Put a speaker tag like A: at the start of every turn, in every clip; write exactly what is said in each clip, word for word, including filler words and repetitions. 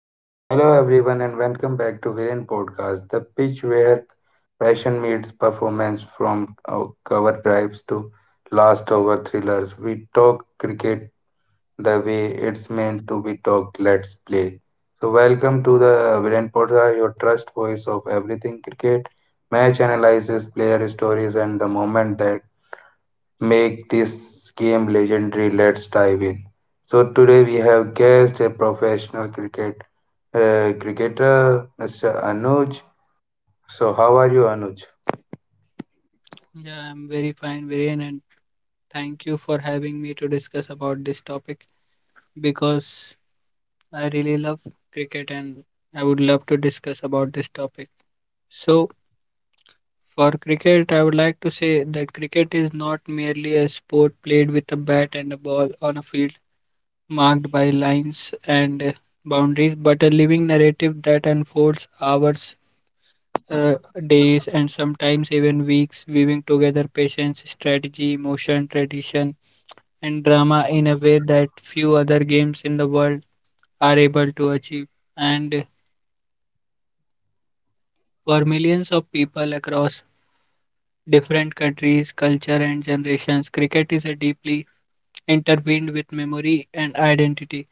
A: Hello everyone and welcome back to Viren Podcast, the pitch where passion meets performance from uh, cover drives to last over thrillers. We talk cricket the way it's meant to be talked. Let's play. So welcome to the Viren Podcast, your trust voice of everything cricket, match analysis, player stories, and the moment that make this game legendary. Let's dive in. So today we have guest a professional cricket uh, cricketer mister Anuj. So, how are you, Anuj?
B: Yeah, I'm very fine, Viren, and thank you for having me to discuss about this topic because I really love cricket and I would love to discuss about this topic. So, for cricket, I would like to say that cricket is not merely a sport played with a bat and a ball on a field marked by lines and uh, boundaries, but a living narrative that unfolds hours, uh, days, and sometimes even weeks, weaving together patience, strategy, emotion, tradition and drama in a way that few other games in the world are able to achieve. And for millions of people across different countries, culture, and generations, cricket is a deeply intertwined with memory and identity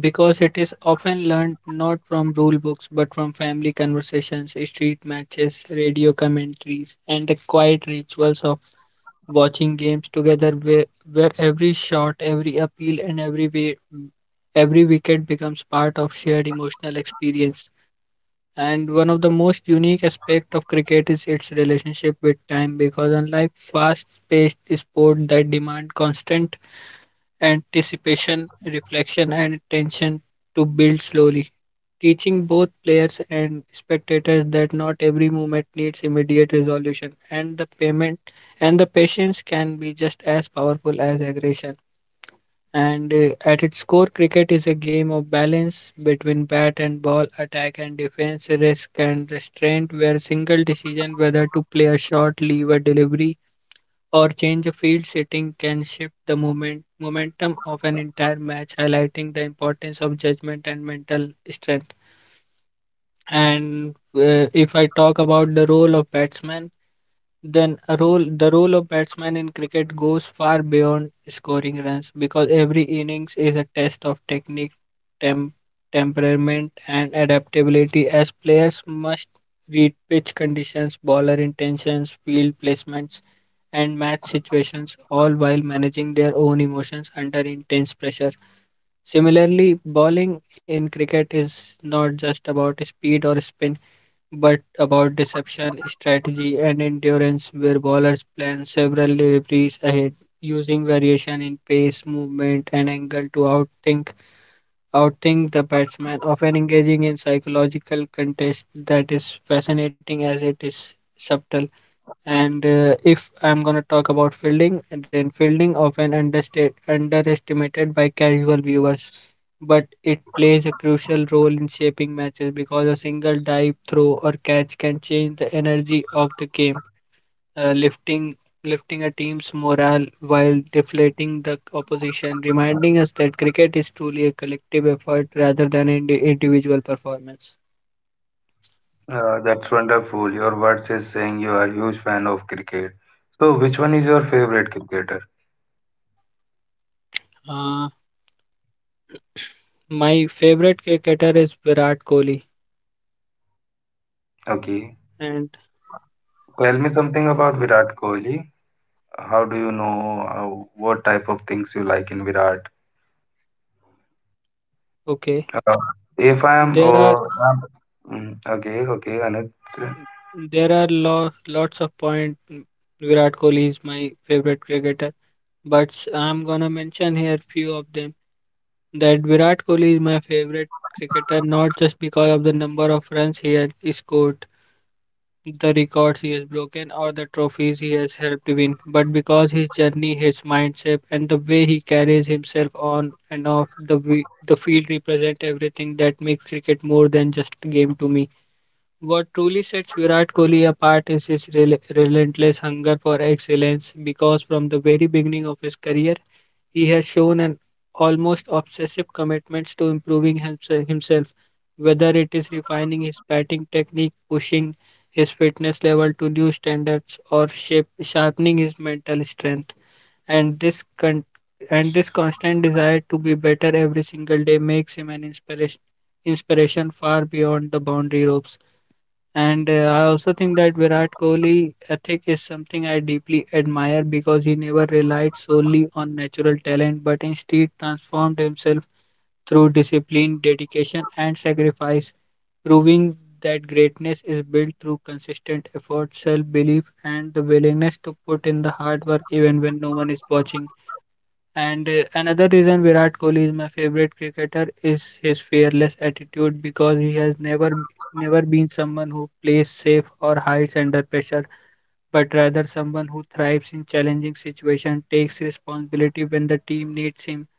B: because it is often learned not from rule books but from family conversations, street matches, radio commentaries, and the quiet rituals of watching games together where, where every shot, every appeal, and every way, every wicket becomes part of shared emotional experience. And one of the most unique aspects of cricket is its relationship with time because unlike fast paced sport that demand constant anticipation, reflection, and attention to build slowly, teaching both players and spectators that not every movement needs immediate resolution, and the payment and the patience can be just as powerful as aggression. And uh, At its core, cricket is a game of balance between bat and ball, attack and defense, risk and restraint, where single decision whether to play a shot, leave a delivery, or change a field setting can shift the moment, momentum of an entire match, highlighting the importance of judgment and mental strength. And uh, If I talk about the role of batsman, then a role the role of batsman in cricket goes far beyond scoring runs because every innings is a test of technique, tem- temperament and adaptability as players must read pitch conditions, bowler intentions, field placements and match situations all while managing their own emotions under intense pressure. Similarly, bowling in cricket is not just about speed or spin but about deception, strategy, and endurance, where bowlers plan several deliveries ahead, using variation in pace, movement, and angle to outthink outthink the batsman, often engaging in psychological contest that is fascinating as it is subtle. And uh, If I'm gonna talk about fielding, then fielding often understate, underestimated by casual viewers, but it plays a crucial role in shaping matches because a single dive, throw, or catch can change the energy of the game, uh, lifting lifting a team's morale while deflating the opposition, reminding us that cricket is truly a collective effort rather than an indi- individual performance.
A: Uh, that's wonderful. Your words is saying you are a huge fan of cricket. So, which one is your favorite cricketer?
B: Uh, my favorite cricketer is Virat Kohli,
A: Okay,
B: and
A: tell me something about Virat Kohli. How do you know uh, what type of things you like in Virat?
B: okay.
A: Uh, if I am,
B: There are
A: oh, I mm, Okay, okay, Anuj.
B: there are lo- lots of point. Virat Kohli is my favorite cricketer, but s- I'm gonna mention here few of them. That Virat Kohli is my favorite cricketer not just because of the number of runs he has scored, the records he has broken, or the trophies he has helped win, but because his journey, his mindset, and the way he carries himself on and off the wi- the field represent everything that makes cricket more than just a game to me. What truly sets Virat Kohli apart is his rel- relentless hunger for excellence because from the very beginning of his career, he has shown an almost obsessive commitment to improving himse- himself, whether it is refining his batting technique, pushing his fitness level to new standards, or shape- sharpening his mental strength. And this con- and this constant desire to be better every single day makes him an inspiration inspiration far beyond the boundary ropes. And uh, I also think that Virat Kohli ethic is something I deeply admire because he never relied solely on natural talent but instead transformed himself through discipline, dedication, and sacrifice, proving that greatness is built through consistent effort, self belief, and the willingness to put in the hard work even when no one is watching. And uh, Another reason Virat Kohli is my favorite cricketer is his fearless attitude because he has never b- never been someone who plays safe or hides under pressure, but rather someone who thrives in challenging situations, takes responsibility when the team needs him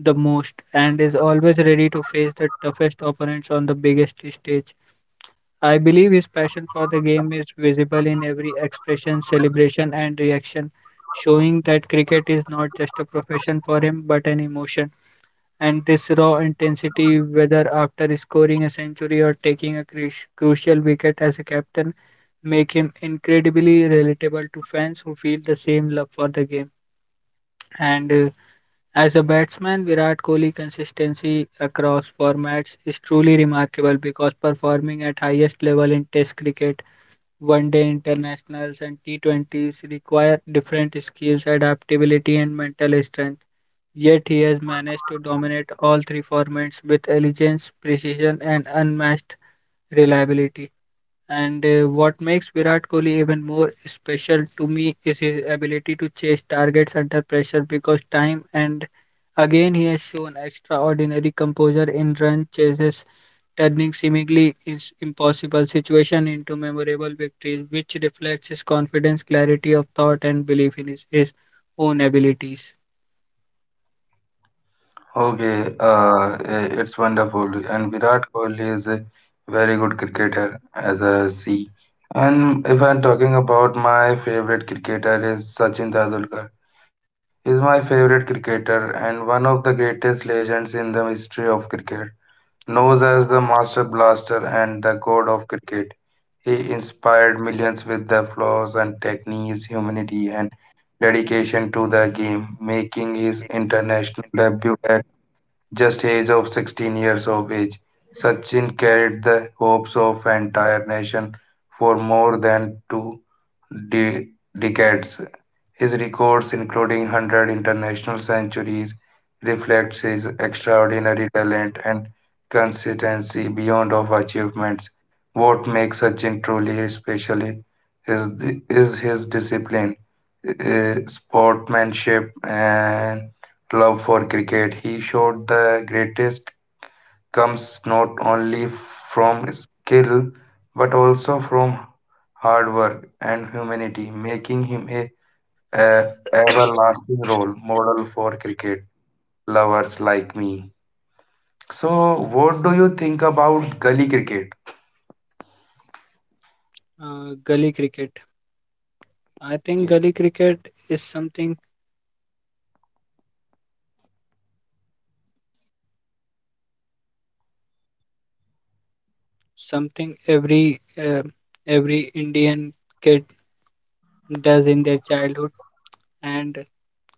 B: the most, and is always ready to face the toughest opponents on the biggest stage. I believe his passion for the game is visible in every expression, celebration, and reaction, showing that cricket is not just a profession for him but an emotion. And this raw intensity, whether after scoring a century or taking a cru- crucial wicket as a captain, make him incredibly relatable to fans who feel the same love for the game. And uh, As a batsman, Virat Kohli's consistency across formats is truly remarkable because performing at highest level in Test cricket one day internationals and T twenty s require different skills, adaptability, and mental strength. Yet he has managed to dominate all three formats with elegance, precision, and unmatched reliability. And uh, What makes Virat Kohli even more special to me is his ability to chase targets under pressure because time and again he has shown extraordinary composure in run chases, turning seemingly is- impossible situation into memorable victories, which reflects his confidence, clarity of thought, and belief in his, his own abilities.
A: Okay, uh, i- it's wonderful. And Virat Kohli is a very good cricketer, as I see. And if I'm talking about my favorite cricketer is Sachin Tendulkar. He's my favorite cricketer and one of the greatest legends in the history of cricket. Known as the master blaster and the god of cricket, he inspired millions with the flaws and techniques, humanity, and dedication to the game, making his international debut just age of sixteen years of age. Sachin carried the hopes of entire nation for more than two de- decades. His records, including one hundred international centuries, reflects his extraordinary talent and consistency beyond of achievements. What makes Sachin truly special is, is his discipline, uh, sportsmanship, and love for cricket. He showed the greatest comes not only from skill but also from hard work and humanity, making him a a everlasting role model for cricket lovers like me. So, what do you think about gully cricket?
B: Uh, gully cricket. I think
A: Yeah.
B: gully cricket is something something every uh, every Indian does in their childhood and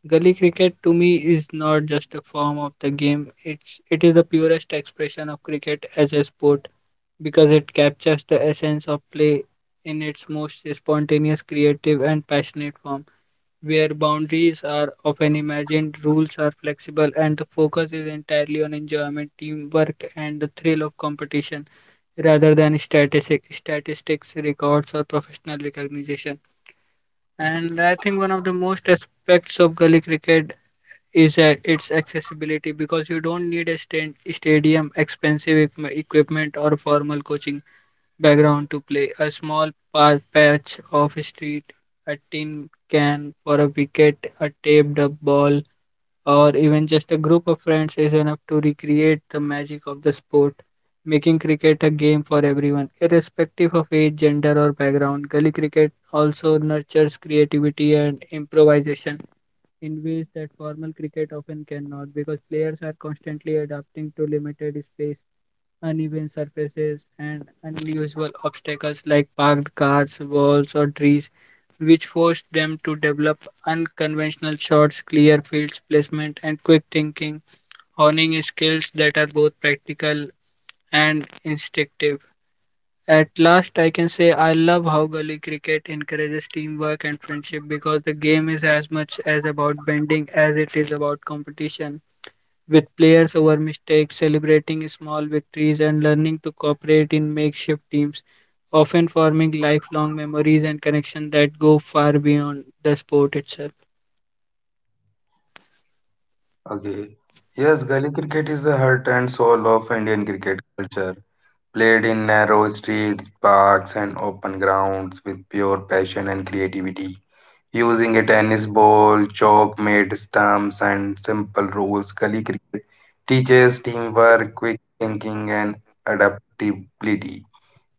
B: gully cricket to me is not just a form of the game it's it is the purest expression of cricket as a sport because it captures the essence of play in its most spontaneous creative and passionate form where boundaries are often imagined rules are flexible and the focus is entirely on enjoyment teamwork and the thrill of competition rather than statistic, statistics records or professional recognition. And I think one of the most aspects of gully cricket is uh, its accessibility because you don't need a stand, stadium, expensive equi- equipment, or formal coaching background to play. A small pa- patch of street, a tin can for a wicket, a taped up ball, or even just a group of friends is enough to recreate the magic of the sport, making cricket a game for everyone, irrespective of age, gender, or background. Gully cricket also nurtures creativity and improvisation in ways that formal cricket often cannot because players are constantly adapting to limited space uneven surfaces, and unusual obstacles like parked cars, walls, or trees, which forced them to develop unconventional shots, clear fields placement, and quick thinking, honing skills that are both practical and instinctive. At last, I can say I love how gully cricket encourages teamwork and friendship because the game is as much as about bending as it is about competition with players over mistakes, celebrating small victories, and learning to cooperate in makeshift teams, often forming lifelong memories and connections that go far beyond the sport itself.
A: Okay. Yes, gully cricket is the heart and soul of Indian cricket culture. Played in narrow streets, parks, and open grounds with pure passion and creativity. Using a tennis ball, chalk made stumps, and simple rules, gully cricket teaches teamwork, quick thinking, and adaptability.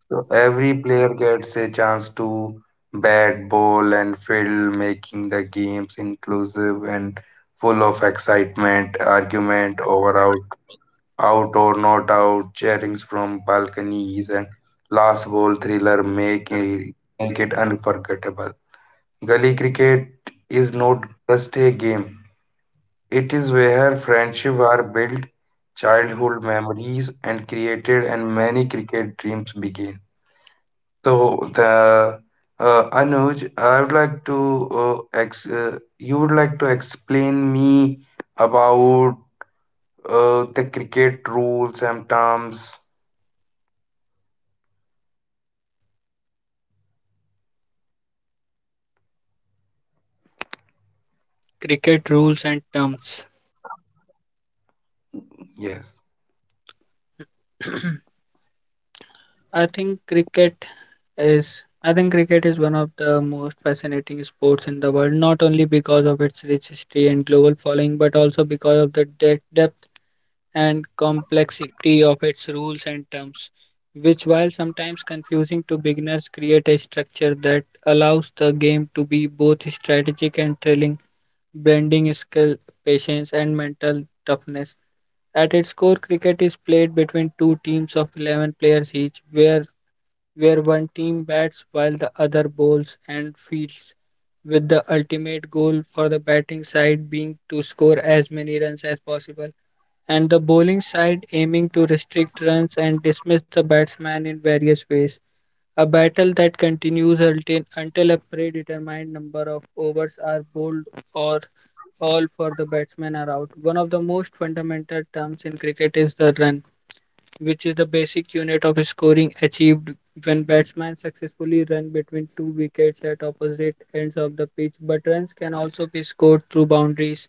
A: So every player gets a chance to bat, bowl, and field, making the games inclusive and full of excitement, argument over out, out or not out, cheerings from balconies, and last ball thriller make it, make it unforgettable. Gully cricket is not just a game; it is where friendship are built, childhood memories and created, and many cricket dreams begin. So the uh, Anuj, I would like to uh, ex uh, you would like to explain me about uh, the cricket rules and terms.
B: Cricket rules and terms.
A: Yes.
B: I think cricket is I think cricket is one of the most fascinating sports in the world, not only because of its rich history and global following, but also because of the de- depth and complexity of its rules and terms, which, while sometimes confusing to beginners, create a structure that allows the game to be both strategic and thrilling, blending skill, patience, and mental toughness. At its core, cricket is played between two teams of eleven players each, where where one team bats while the other bowls and fields, with the ultimate goal for the batting side being to score as many runs as possible and the bowling side aiming to restrict runs and dismiss the batsman in various ways. A battle that continues until, until a predetermined number of overs are bowled or all for the batsmen are out. One of the most fundamental terms in cricket is the run which is the basic unit of scoring achieved when batsmen successfully run between two wickets at opposite ends of the pitch. But runs can also be scored through boundaries,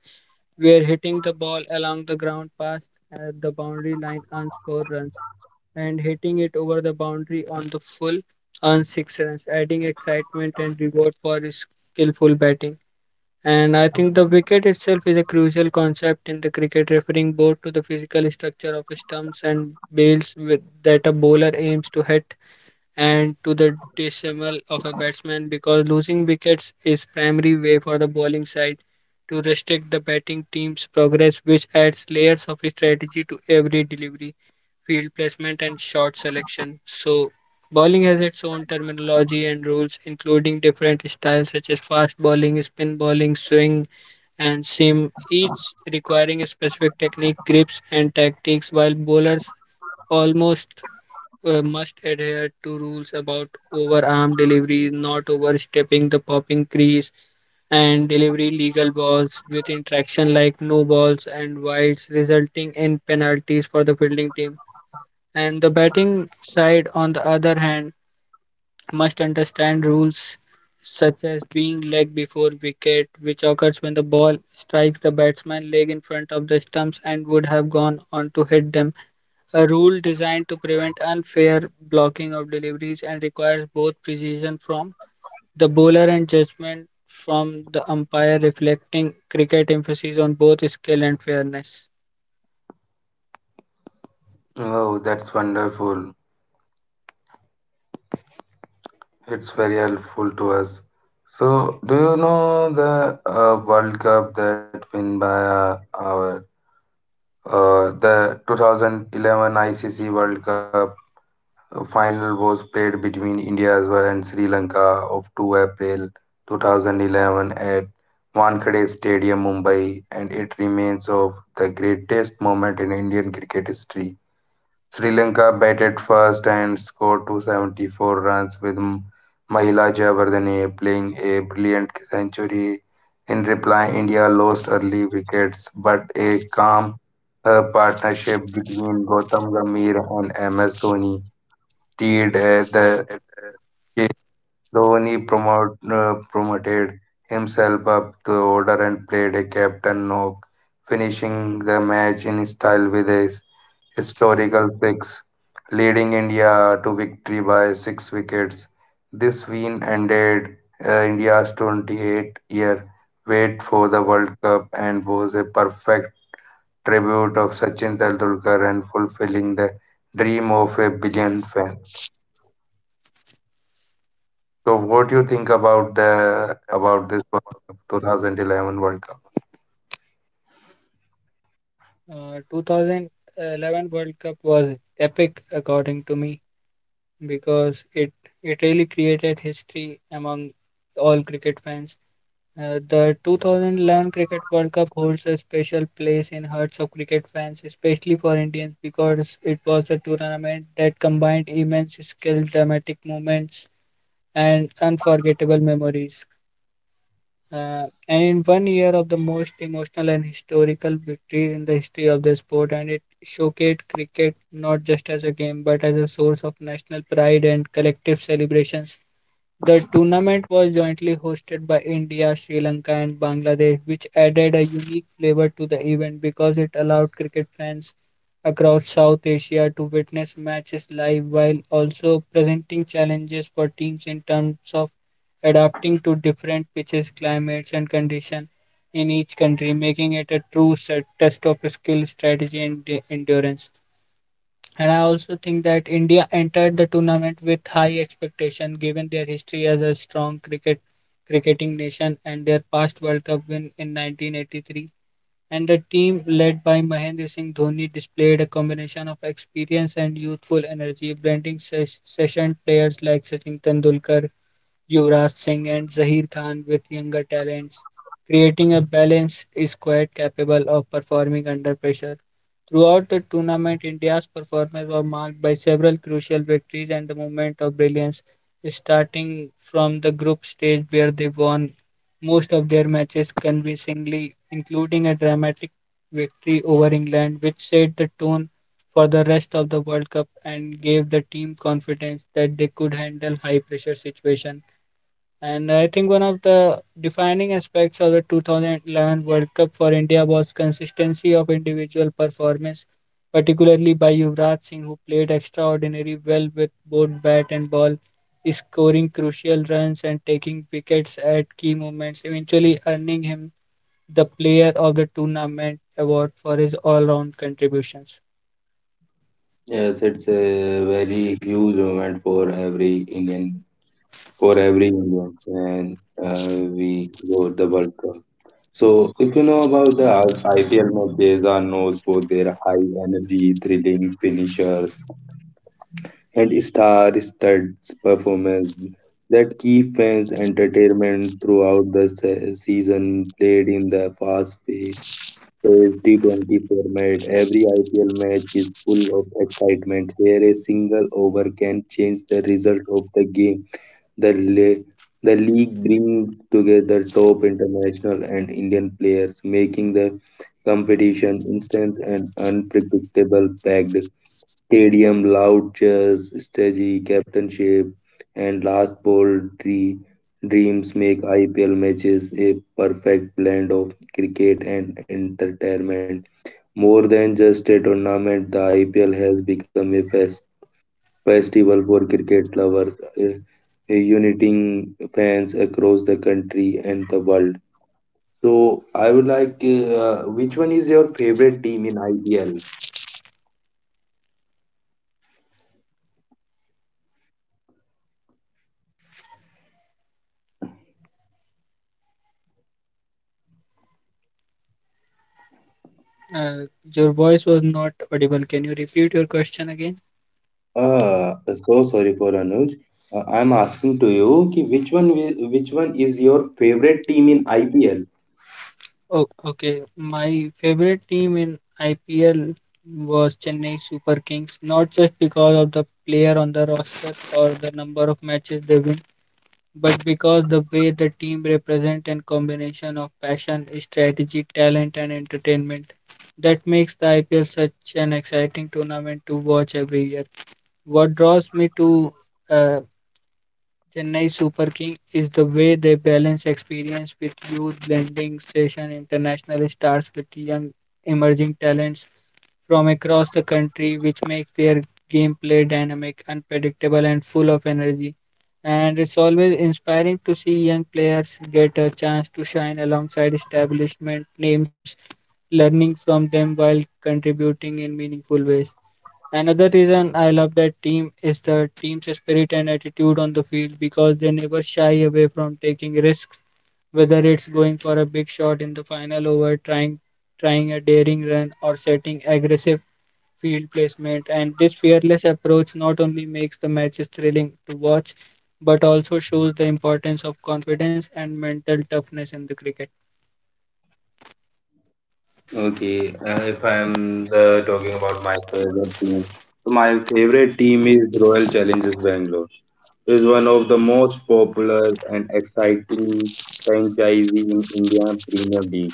B: where hitting the ball along the ground past at the boundary line earns four runs, and hitting it over the boundary on the full earns six runs, adding excitement and reward for skillful batting. And I think the wicket itself is a crucial concept in the cricket, referring both to the physical structure of stumps and bails with, that a bowler aims to hit and to the decimal of a batsman because losing wickets is primary way for the bowling side to restrict the batting team's progress which adds layers of strategy to every delivery, field placement and shot selection. So bowling has its own terminology and rules, including different styles such as fast bowling, spin bowling, swing and seam, each requiring a specific technique, grips, and tactics, while bowlers almost uh, must adhere to rules about overarm delivery, not overstepping the popping crease, and delivery legal balls with interaction like no balls and wides, resulting in penalties for the fielding team. And the batting side, on the other hand, must understand rules such as being leg before wicket, which occurs when the ball strikes the batsman's leg in front of the stumps and would have gone on to hit them. A rule designed to prevent unfair blocking of deliveries and requires both precision from the bowler and judgment from the umpire, reflecting cricket emphasis on both skill and fairness.
A: Oh, that's wonderful. It's very helpful to us. So, do you know the uh, World Cup that win by uh, our uh, the twenty eleven I C C World Cup? A final was played between India as well and Sri Lanka of two April two thousand eleven at Wankhede Stadium, Mumbai, and it remains of the greatest moment in Indian cricket history. Sri Lanka batted first and scored two hundred seventy-four runs with M- Mahila Jayawardene playing a brilliant century. In reply, India lost early wickets, but a calm uh, partnership between Gautam Gambhir and M S Dhoni did uh, the Dhoni promote, uh, promoted himself up the order and played a captain knock, finishing the match in style with a s- historical six, leading India to victory by six wickets. This win ended uh, India's twenty-eight-year wait for the World Cup and was a perfect tribute of Sachin Tendulkar and fulfilling the dream of a billion fans. So, what do you think about the about this World Cup, two thousand eleven World Cup?
B: Uh, two thousand eleven World Cup was epic, according to me, because it it really created history among all cricket fans. Uh, the two thousand eleven Cricket World Cup holds a special place in hearts of cricket fans, especially for Indians, because it was a tournament that combined immense skill, dramatic moments, and unforgettable memories. Uh, and in one year of the most emotional and historical victories in the history of the sport, and it showcased cricket not just as a game but as a source of national pride and collective celebrations. The tournament was jointly hosted by India, Sri Lanka, and Bangladesh, which added a unique flavor to the event because it allowed cricket fans across South Asia to witness matches live while also presenting challenges for teams in terms of adapting to different pitches, climates, and conditions in each country, making it a true set- test of skill, strategy, and de- endurance. And I also think that India entered the tournament with high expectation given their history as a strong cricket cricketing nation and their past World Cup win in nineteen eighty-three. And the team led by Mahendra Singh Dhoni displayed a combination of experience and youthful energy, blending ses- session players like Sachin Tendulkar, Yuvraj Singh and Zaheer Khan with younger talents. Creating a balance is quite capable of performing under pressure. Throughout the tournament, India's performance was marked by several crucial victories and the moment of brilliance, starting from the group stage where they won most of their matches convincingly, including a dramatic victory over England, which set the tone for the rest of the World Cup and gave the team confidence that they could handle high pressure situations. And I think one of the defining aspects of the twenty eleven World Cup for India was consistency of individual performance, particularly by Yuvraj Singh, who played extraordinarily well with both bat and ball, scoring crucial runs and taking wickets at key moments, eventually earning him the Player of the Tournament award for his all-round contributions.
A: Yes, it's a very huge moment for every Indian, for every Indian, and uh, we go the World Cup. So, if you know about the I- IPL matches, are known for their high energy, thrilling finishers and star-studded performance that keep fans entertainment throughout the se- season. Played in the fast-paced says T twenty format, every I P L match is full of excitement where a single over can change the result of the game. The, le- the league brings together top international and Indian players, making the competition instant and unpredictable packed stadium loud cheers strategy captainship and last ball dre- dreams make ipl matches a perfect blend of cricket and entertainment more than just a tournament, the I P L has become a fest- festival for cricket lovers, uh, uniting fans across the country and the world. So, I would like, uh, which one is your favorite team in I P L?
B: Uh, your voice was not audible. Can you repeat your question again?
A: Uh, so sorry for Anuj. Uh, I'm asking to you, ki which one, wi- which one is your favorite team in I P L?
B: Oh, okay. My favorite team in I P L was Chennai Super Kings, not just because of the player on the roster or the number of matches they win, but because the way the team represent and combination of passion, strategy, talent and entertainment. That makes the I P L such an exciting tournament to watch every year. What draws me to uh, Chennai Super King is the way they balance experience with youth, blending session international stars with young emerging talents from across the country, which makes their gameplay dynamic, unpredictable, and full of energy. And it's always inspiring to see young players get a chance to shine alongside establishment names, learning from them while contributing in meaningful ways. Another reason I love that team is the team's spirit and attitude on the field because they never shy away from taking risks, whether it's going for a big shot in the final over, trying trying a daring run, or setting aggressive field placement, and this fearless approach not only makes the matches thrilling to watch, but also shows the importance of confidence and mental toughness in the cricket.
A: Okay, uh, if I'm uh, talking about my favorite team, so my favorite team is Royal Challengers Bangalore. It is one of the most popular and exciting franchises in India Premier League.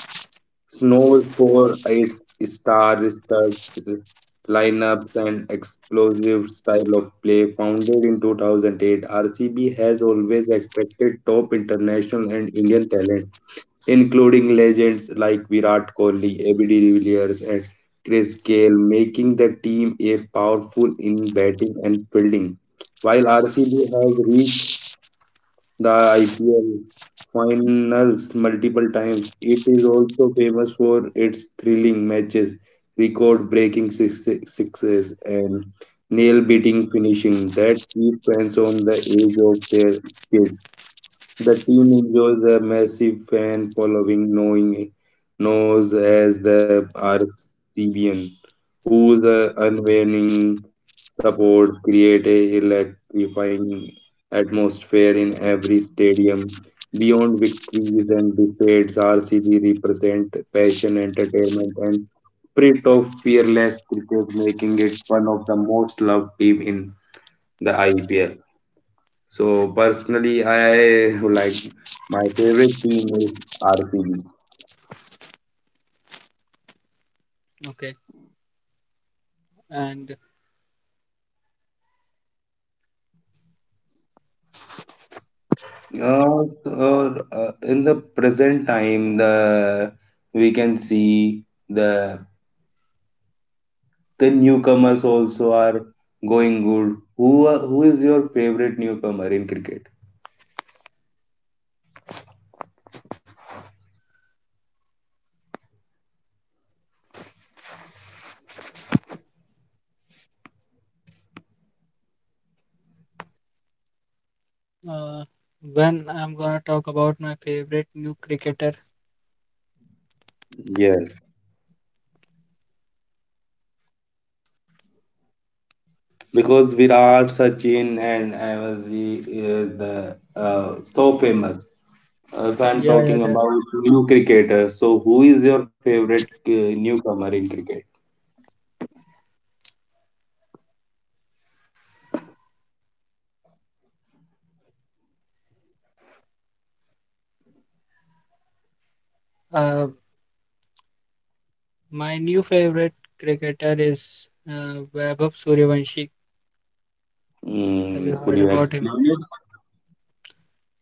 A: It's known for its star-studded lineups and explosive style of play. Founded in two thousand eight, R C B has always attracted top international and Indian talent including legends like Virat Kohli, A B de Villiers, and Chris Gayle, making the team a powerful in batting and fielding. While R C B has reached the I P L finals multiple times, it is also famous for its thrilling matches, record-breaking six- sixes, and nail-biting finishing that keep fans on the edge of their seats. The team enjoys a massive fan following, knowing knows as the Arcebian, whose uh, unwavering supports create a electrifying atmosphere in every stadium. Beyond victories and defeats, R C B represent passion, entertainment, and spirit of fearless cricket, making it one of the most loved team in the I P L. So personally, I like my favorite team is R C B.
B: Okay, and
A: Uh, so, uh, in the present time, the we can see the the newcomers also are going good. Who are- who is your favorite newcomer in cricket?
B: uh, when I'm gonna talk about my favorite new cricketer,
A: Yes. Because Virat, Sachin, and Avazji is the the uh, so famous. Uh, if I'm
B: yeah, yeah,
A: talking
B: there.
A: about new cricketers, so who is your favorite uh, newcomer in cricket?
B: Uh, my new favorite cricketer is uh, Vaibhav Suryavanshi. Have you
A: Mm, could
B: heard
A: you
B: about him?
A: explain it?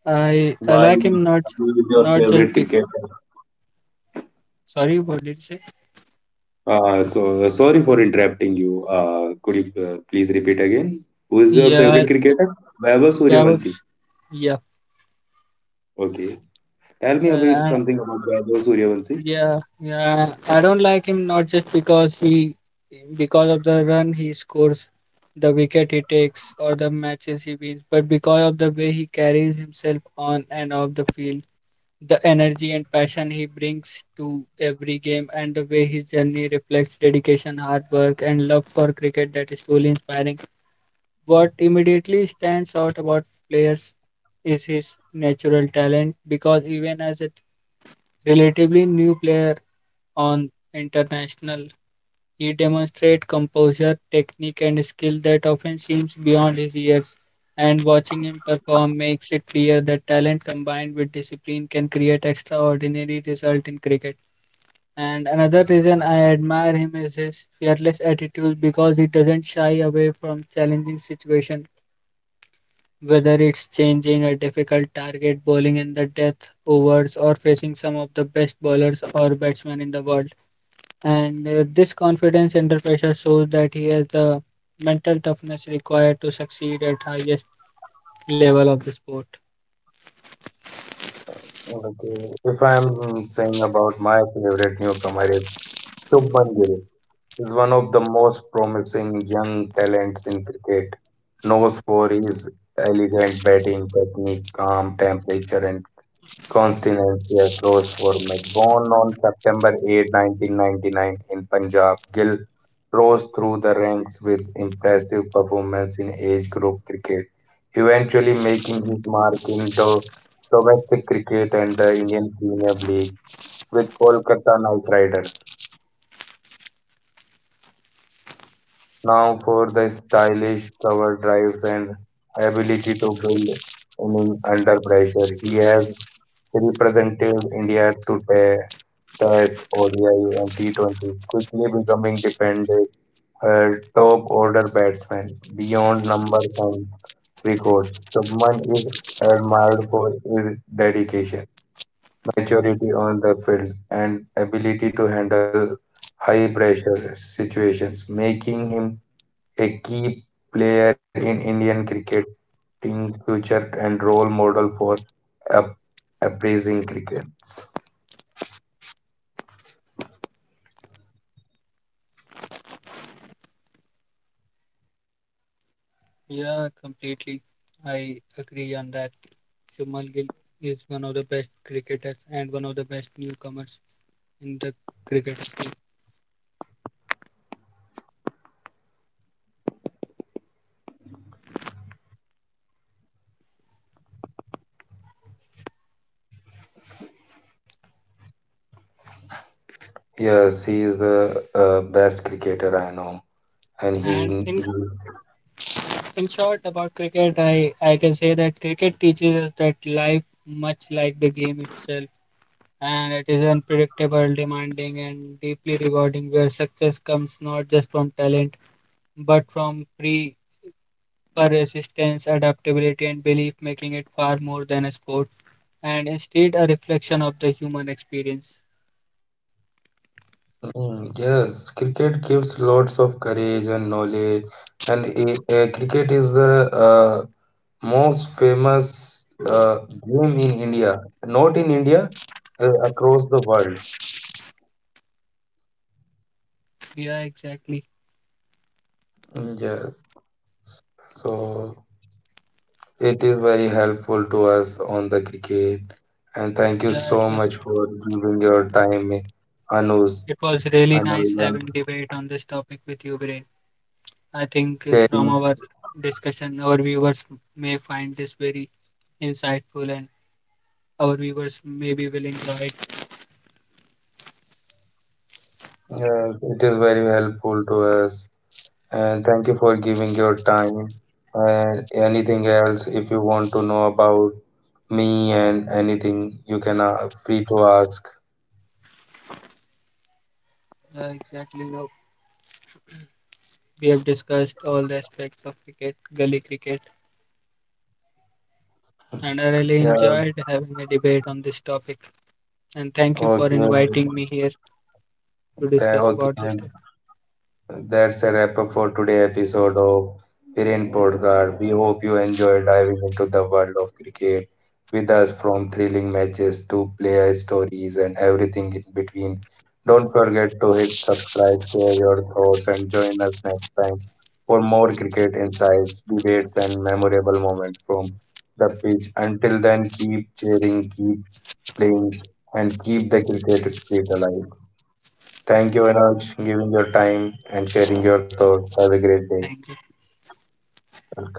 B: I I
A: Why?
B: like him not
A: Who is your
B: not just
A: favorite
B: big.
A: cricketer?
B: Sorry, what did you say?
A: Uh, so sorry for interrupting you. Uh, could you uh, please repeat again? Who is your
B: Yeah,
A: favorite cricketer? Vaibhav
B: Vaibhav.
A: Suryavanshi.
B: Yeah,
A: Okay. Tell
B: uh,
A: me about
B: and
A: something about Vaibhav Suryavanshi.
B: Yeah, yeah, I don't like him not just because he, because of the run he scores, the wicket he takes, or the matches he wins, but because of the way he carries himself on and off the field, the energy and passion he brings to every game, and the way his journey reflects dedication, hard work, and love for cricket that is truly inspiring. What immediately stands out about players is his natural talent because even as a relatively new player on international. He demonstrates composure, technique, and skill that often seems beyond his years. And watching him perform makes it clear that talent combined with discipline can create extraordinary results in cricket. And another reason I admire him is his fearless attitude because he doesn't shy away from challenging situations, whether it's changing a difficult target, bowling in the death overs, or facing some of the best bowlers or batsmen in the world. And uh, this confidence under pressure shows that he has the mental toughness required to succeed at highest level of the sport.
A: Okay. If I'm saying about my favorite newcomer is Shubman Gill, is one of the most promising young talents in cricket. Knows for his elegant batting technique, calm temperature, and Constance Rose Format, born on September eighth, nineteen ninety-nine in Punjab, Gill rose through the ranks with impressive performance in age group cricket, eventually making his mark in do- domestic cricket and the Indian Premier League with Kolkata Knight Riders. Now for the stylish cover drives and ability to build innings under pressure, he has represented India to Tests, O D I, and T twenty, quickly becoming dependent uh, top order batsman beyond numbers and records. Subman is admired for his dedication, maturity on the field, and ability to handle high pressure situations, making him a key player in Indian cricketing future and role model for up- appraising cricket.
B: Yeah, completely. I agree on that. Shumal Gill is one of the best cricketers and one of the best newcomers in the cricket scene.
A: Yes, he is the uh, best cricketer I know. And he,
B: And
A: he
B: in in short about cricket, I I can say that cricket teaches us that life, much like the game itself, and it is unpredictable, demanding, and deeply rewarding, where success comes not just from talent but from pre persistence, adaptability, and belief, making it far more than a sport and instead a reflection of the human experience.
A: Mm, yes, cricket gives lots of courage and knowledge, and i- uh, cricket is the uh, most famous uh, game in India, not in India, uh, across the world.
B: Yeah, exactly.
A: Mm, yes, so it is very helpful to us on the cricket, and thank you
B: Yeah, it
A: so
B: was
A: much for giving your time, Anuj,
B: it was really
A: Anuj,
B: nice
A: and
B: having debate on this topic with you, Brain. I think uh, from
A: sharing.
B: our discussion, our viewers may find this very insightful, and our viewers may be willing to it.
A: Yes, it is very helpful to us. And thank you for giving your time. And anything else, if you want to know about me and anything, you can uh, free to ask.
B: Uh, exactly. No, we have discussed all the aspects of cricket, gully cricket, and I really
A: Yeah.
B: enjoyed having a debate on this topic. And thank you for
A: Okay.
B: inviting me here to
A: Th-
B: discuss about
A: Okay.
B: this topic.
A: That's a wrap up for today's episode of Variant Podcast. We hope you enjoy diving into the world of cricket with us from thrilling matches to player stories and everything in between. Don't forget to hit subscribe, share your thoughts, and join us next time for more cricket insights, debates, and memorable moments from the pitch. Until then, keep cheering, keep playing, and keep the cricket spirit alive. Thank you, Anuj, giving your time and sharing your thoughts. Have a great day.
B: Thank you.
A: Welcome.